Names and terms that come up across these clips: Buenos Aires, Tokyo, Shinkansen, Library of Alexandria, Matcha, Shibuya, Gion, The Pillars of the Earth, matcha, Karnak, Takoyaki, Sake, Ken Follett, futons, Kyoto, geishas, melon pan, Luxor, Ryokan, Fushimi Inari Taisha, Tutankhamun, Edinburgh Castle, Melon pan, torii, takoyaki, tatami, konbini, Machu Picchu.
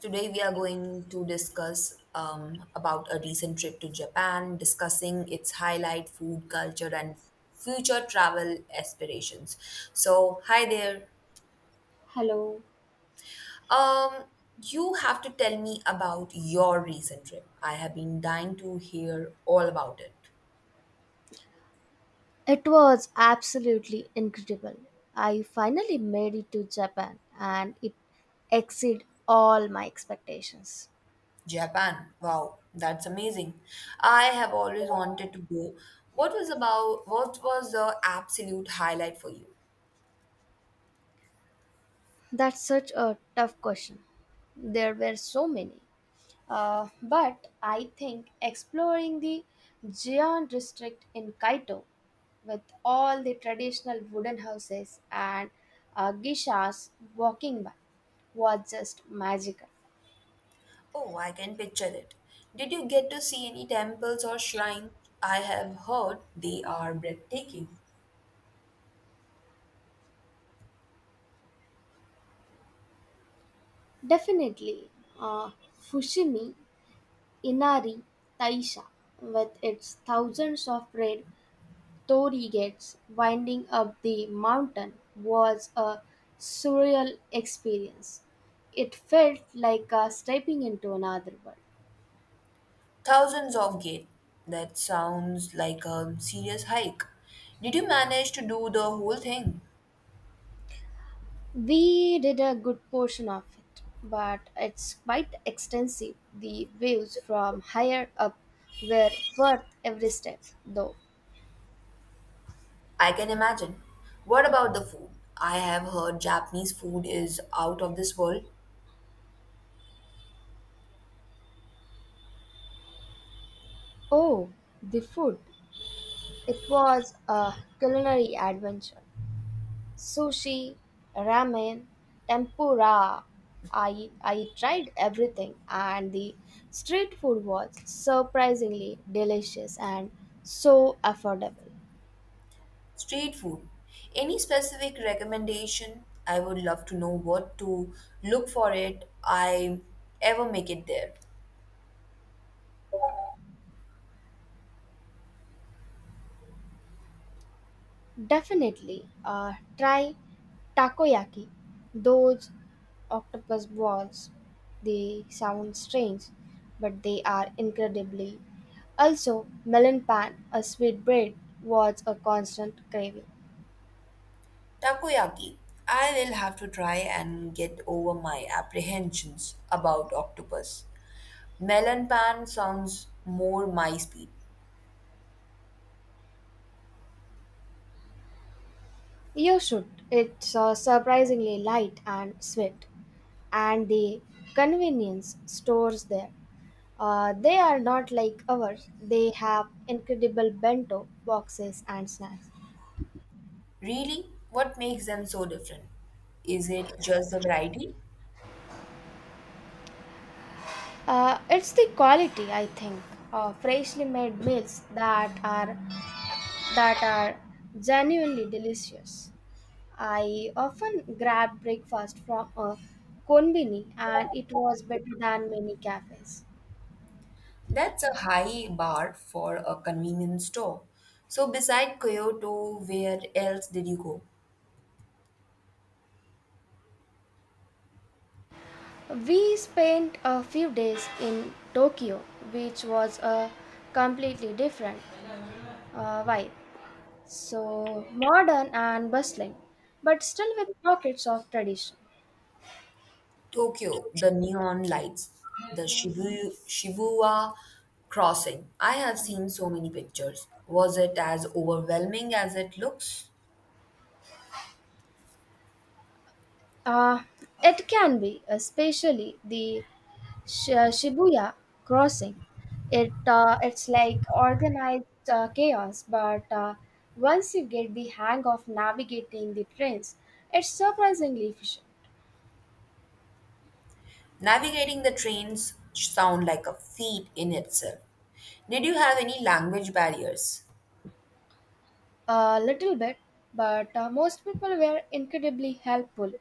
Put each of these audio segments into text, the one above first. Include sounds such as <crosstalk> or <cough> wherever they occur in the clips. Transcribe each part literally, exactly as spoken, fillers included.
Today we are going to discuss um, about a recent trip to Japan, discussing its highlight, food culture, and future travel aspirations. So, hi there. Hello. Um, you have to tell me about your recent trip. I have been dying to hear all about it. It was absolutely incredible. I finally made it to Japan and it exceeded all my expectations. Japan. Wow, that's amazing. I have always wanted to go. What was about what was the absolute highlight for you? That's such a tough question. There were so many. Uh, but I think exploring the Gion district in Kaito with all the traditional wooden houses and uh, geishas walking by was just magical. Oh, I can picture it. Did you get to see any temples or shrines? I have heard they are breathtaking. Definitely, uh, Fushimi Inari Taisha, with its thousands of red torii gates winding up the mountain, was a surreal experience. It felt like uh, stepping into another world. Thousands of gate. That sounds like a serious hike. Did you manage to do the whole thing? We did a good portion of it, but it's quite extensive. The views from higher up were worth every step, though. I can imagine. What about the food? I have heard Japanese food is out of this world. Oh, the food! It was a culinary adventure. Sushi, ramen, tempura. I I tried everything and the street food was surprisingly delicious and so affordable. Street food. Any specific recommendation? I would love to know what to look for it. I ever make it there. Definitely uh, try takoyaki. Those octopus balls, they sound strange, but they are incredibly. Also, melon pan, a sweet bread, was a constant craving. Takoyaki. I will have to try and get over my apprehensions about octopus. Melon pan sounds more my speed. You should. It's uh, surprisingly light and sweet, and the convenience stores there. Uh, they are not like ours. They have incredible bento boxes and snacks. Really? What makes them so different? Is it just the variety? Uh, it's the quality, I think, uh, freshly made meals that are that are genuinely delicious. I often grab breakfast from a konbini, and it was better than many cafes. That's a high bar for a convenience store. So, beside Kyoto, where else did you go? We spent a few days in Tokyo, which was a completely different uh, vibe. So modern and bustling, but still with pockets of tradition. Tokyo, the neon lights, the Shibu, Shibuya crossing. I have seen so many pictures. Was it as overwhelming as it looks? Uh, it can be, especially the Sh- uh, Shibuya crossing. It uh, it's like organized uh, chaos, but uh, once you get the hang of navigating the trains, it's surprisingly efficient. Navigating the trains sound like a feat in itself. Did you have any language barriers? A little bit, but uh, most people were incredibly helpful.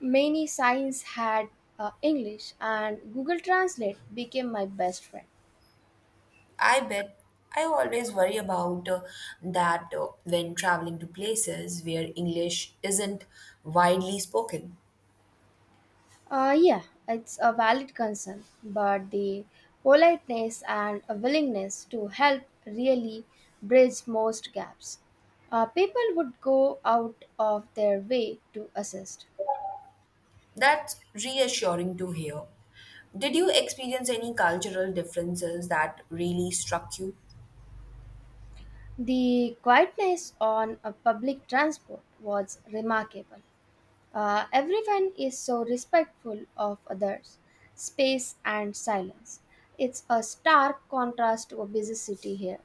Many signs had uh, English, and Google Translate became my best friend. I bet I always worry about uh, that uh, when traveling to places where English isn't widely spoken. Uh, yeah, it's a valid concern, but the politeness and a willingness to help really bridge most gaps. Uh, people would go out of their way to assist. That's reassuring to hear. Did you experience any cultural differences that really struck you? The quietness on a public transport was remarkable. Uh, everyone is so respectful of others, space and silence. It's a stark contrast to a busy city here.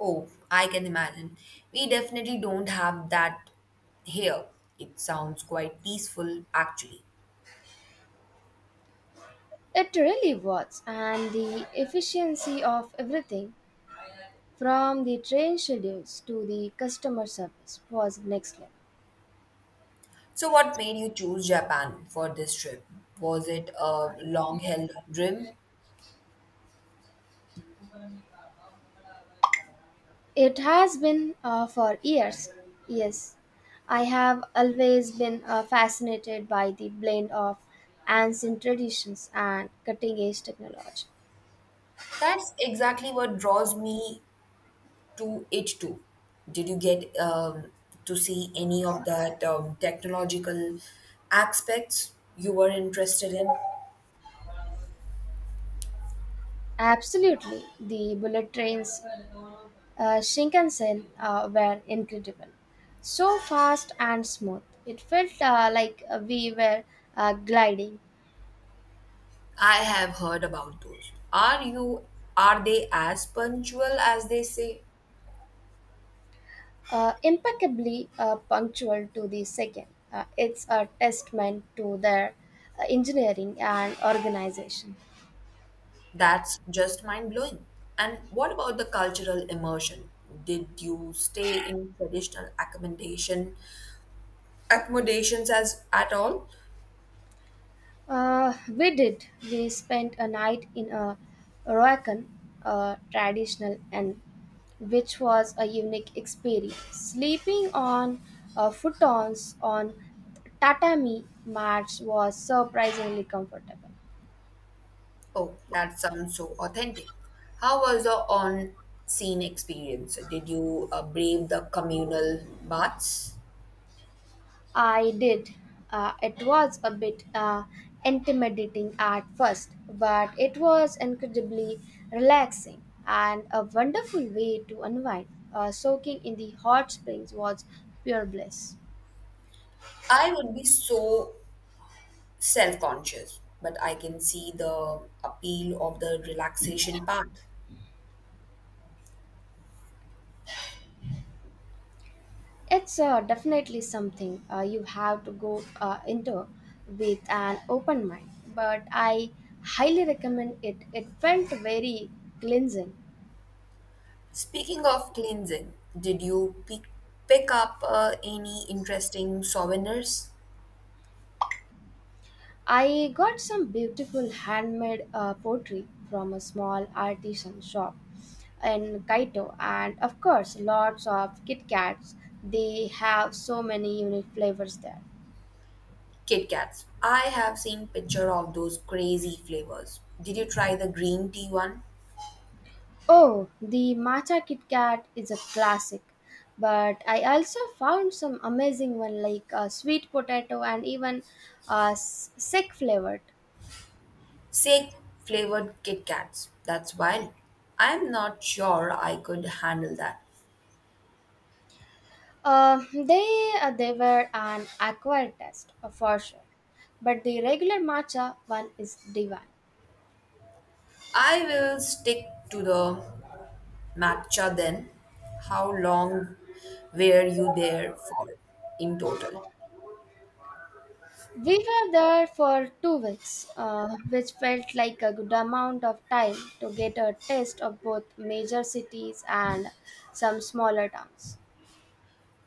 Oh, I can imagine. We definitely don't have that here. It sounds quite peaceful, actually. It really was, and the efficiency of everything from the train schedules to the customer service was next level. So, what made you choose Japan for this trip? Was it a long held dream? It has been uh, for years, yes. I have always been uh, fascinated by the blend of ancient traditions and cutting edge technology. That's exactly what draws me to it too? Did you get um, to see any of that um, technological aspects you were interested in? Absolutely. The bullet trains, uh, Shinkansen, uh, were incredible. So fast and smooth. It felt uh, like we were uh, gliding, I have heard about those. Are you are they as punctual as they say? uh, impeccably uh, punctual to the second. Uh, it's a testament to their uh, engineering and organization. That's just mind blowing. And what about the cultural immersion? Did you stay in traditional accommodation accommodations as at all? Uh, we did. We spent a night in a Roacan, uh, traditional inn, which was a unique experience. Sleeping on uh, futons on tatami mats was surprisingly comfortable. Oh, that sounds so authentic. How was the on scene experience? Did you uh, brave the communal baths? I did. Uh, it was a bit uh, intimidating at first, but it was incredibly relaxing and a wonderful way to unwind. Uh, soaking in the hot springs was pure bliss. I would be so self conscious, but I can see the appeal of the relaxation part. It's uh, definitely something uh, you have to go uh, into with an open mind, but I highly recommend it. It felt very cleansing. Speaking of cleansing, did you pick, pick up uh, any interesting souvenirs? I got some beautiful handmade uh, pottery from a small artisan shop in Kaito, and of course, lots of Kit Kats. They have so many unique flavors there. Kit Kats. I have seen picture of those crazy flavors. Did you try the green tea one? Oh, the matcha Kit Kat is a classic, but I also found some amazing one like uh, sweet potato and even uh, s- sick flavored. Sake flavored Kit Kats. That's wild. I'm not sure I could handle that. Uh, they uh, they were an acquired taste uh, for sure, but the regular matcha one is divine. I will stick to the matcha then. How long were you there for in total? We were there for two weeks, uh, which felt like a good amount of time to get a taste of both major cities and some smaller towns.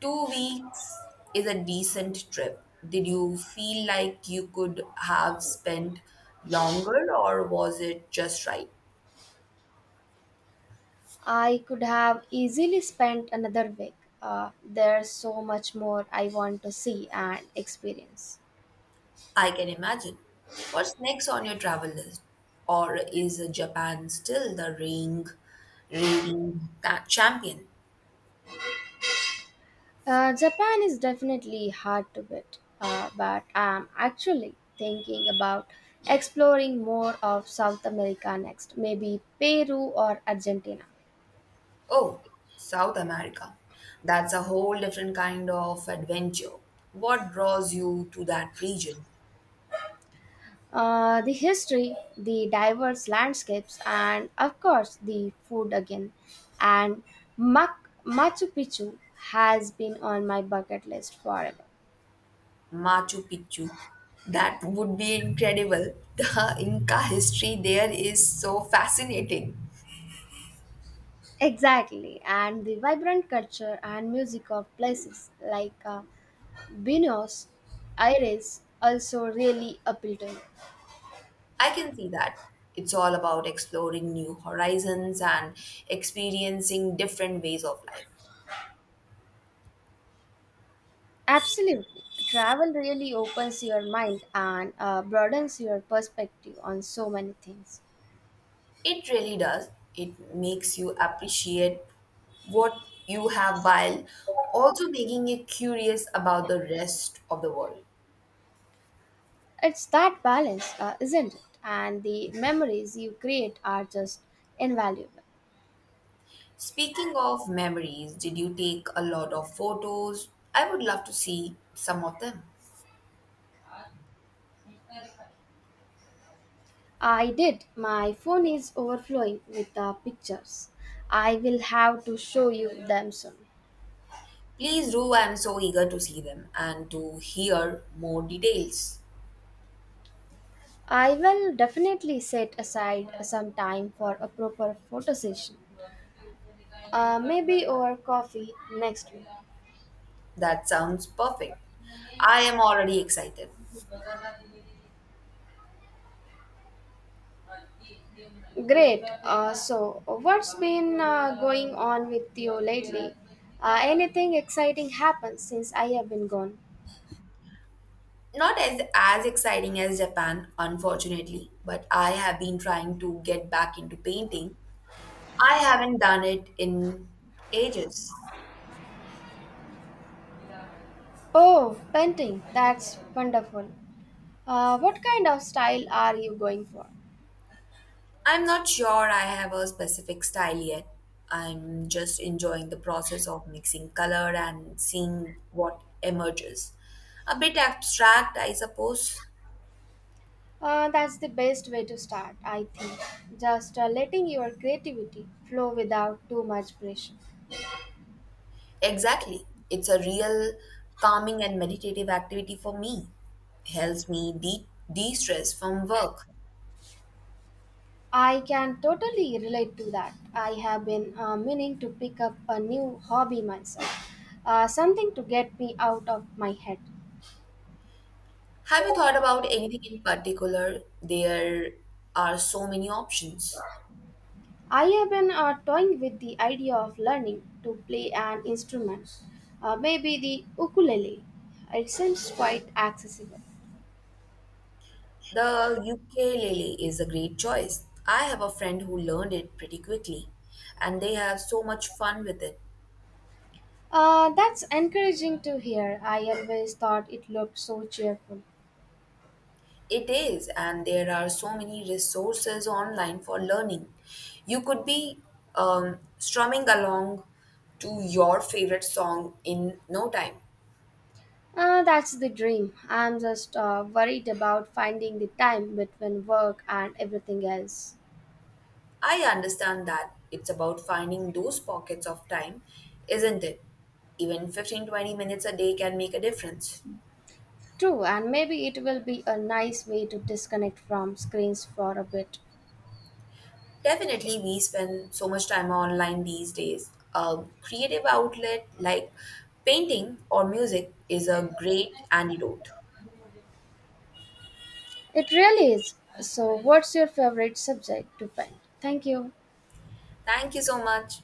Two weeks is a decent trip. Did you feel like you could have spent longer or was it just right? I could have easily spent another week. Uh, there's so much more I want to see and experience. I can imagine. What's next on your travel list? Or is Japan still the reigning reigning ca- champion? Uh, Japan is definitely hard to beat, uh, but I'm actually thinking about exploring more of South America next, maybe Peru or Argentina. Oh, South America. That's a whole different kind of adventure. What draws you to that region? Uh, the history, the diverse landscapes, and of course the food again. And Mac- Machu Picchu has been on my bucket list forever. Machu Picchu. That would be incredible. <laughs> The Inca history there is so fascinating. Exactly, and the vibrant culture and music of places like uh, Buenos Aires also really appealed to me. I can see that. It's all about exploring new horizons and experiencing different ways of life. Absolutely. Travel really opens your mind and uh, broadens your perspective on so many things. It really does. It makes you appreciate what you have while also making you curious about the rest of the world. It's that balance, uh, isn't it? And the memories you create are just invaluable. Speaking of memories, did you take a lot of photos? I would love to see some of them. I did. My phone is overflowing with uh, pictures. I will have to show you them soon. Please do. I'm so eager to see them and to hear more details. I will definitely set aside some time for a proper photo session. Uh, maybe over coffee next week. That sounds perfect. I am already excited. Great. Uh, so, what's been uh, going on with you lately? Uh, anything exciting happened since I have been gone? Not as as exciting as Japan, unfortunately, but I have been trying to get back into painting. I haven't done it in ages. Oh, painting. That's wonderful. Uh, what kind of style are you going for? I'm not sure I have a specific style yet. I'm just enjoying the process of mixing color and seeing what emerges. A bit abstract, I suppose. Uh, that's the best way to start, I think. Just uh, letting your creativity flow without too much pressure. Exactly. It's a real calming and meditative activity for me. Helps me de de-stress from work. I can totally relate to that. I have been uh, meaning to pick up a new hobby myself, uh, something to get me out of my head. Have you thought about anything in particular? There are so many options. I have been uh, toying with the idea of learning to play an instrument, uh, maybe the ukulele. It seems quite accessible. The ukulele is a great choice. I have a friend who learned it pretty quickly, and they have so much fun with it. Uh, that's encouraging to hear. I always thought it looked so cheerful. It is, and there are so many resources online for learning. You could be um, strumming along to your favorite song in no time. Uh, that's the dream. I'm just uh, worried about finding the time between work and everything else. I understand that it's about finding those pockets of time, isn't it? Even fifteen twenty minutes a day can make a difference. True, and maybe it will be a nice way to disconnect from screens for a bit. Definitely, we spend so much time online these days. A creative outlet like painting or music is a great antidote. It really is. So, what's your favorite subject to paint? Thank you. Thank you so much.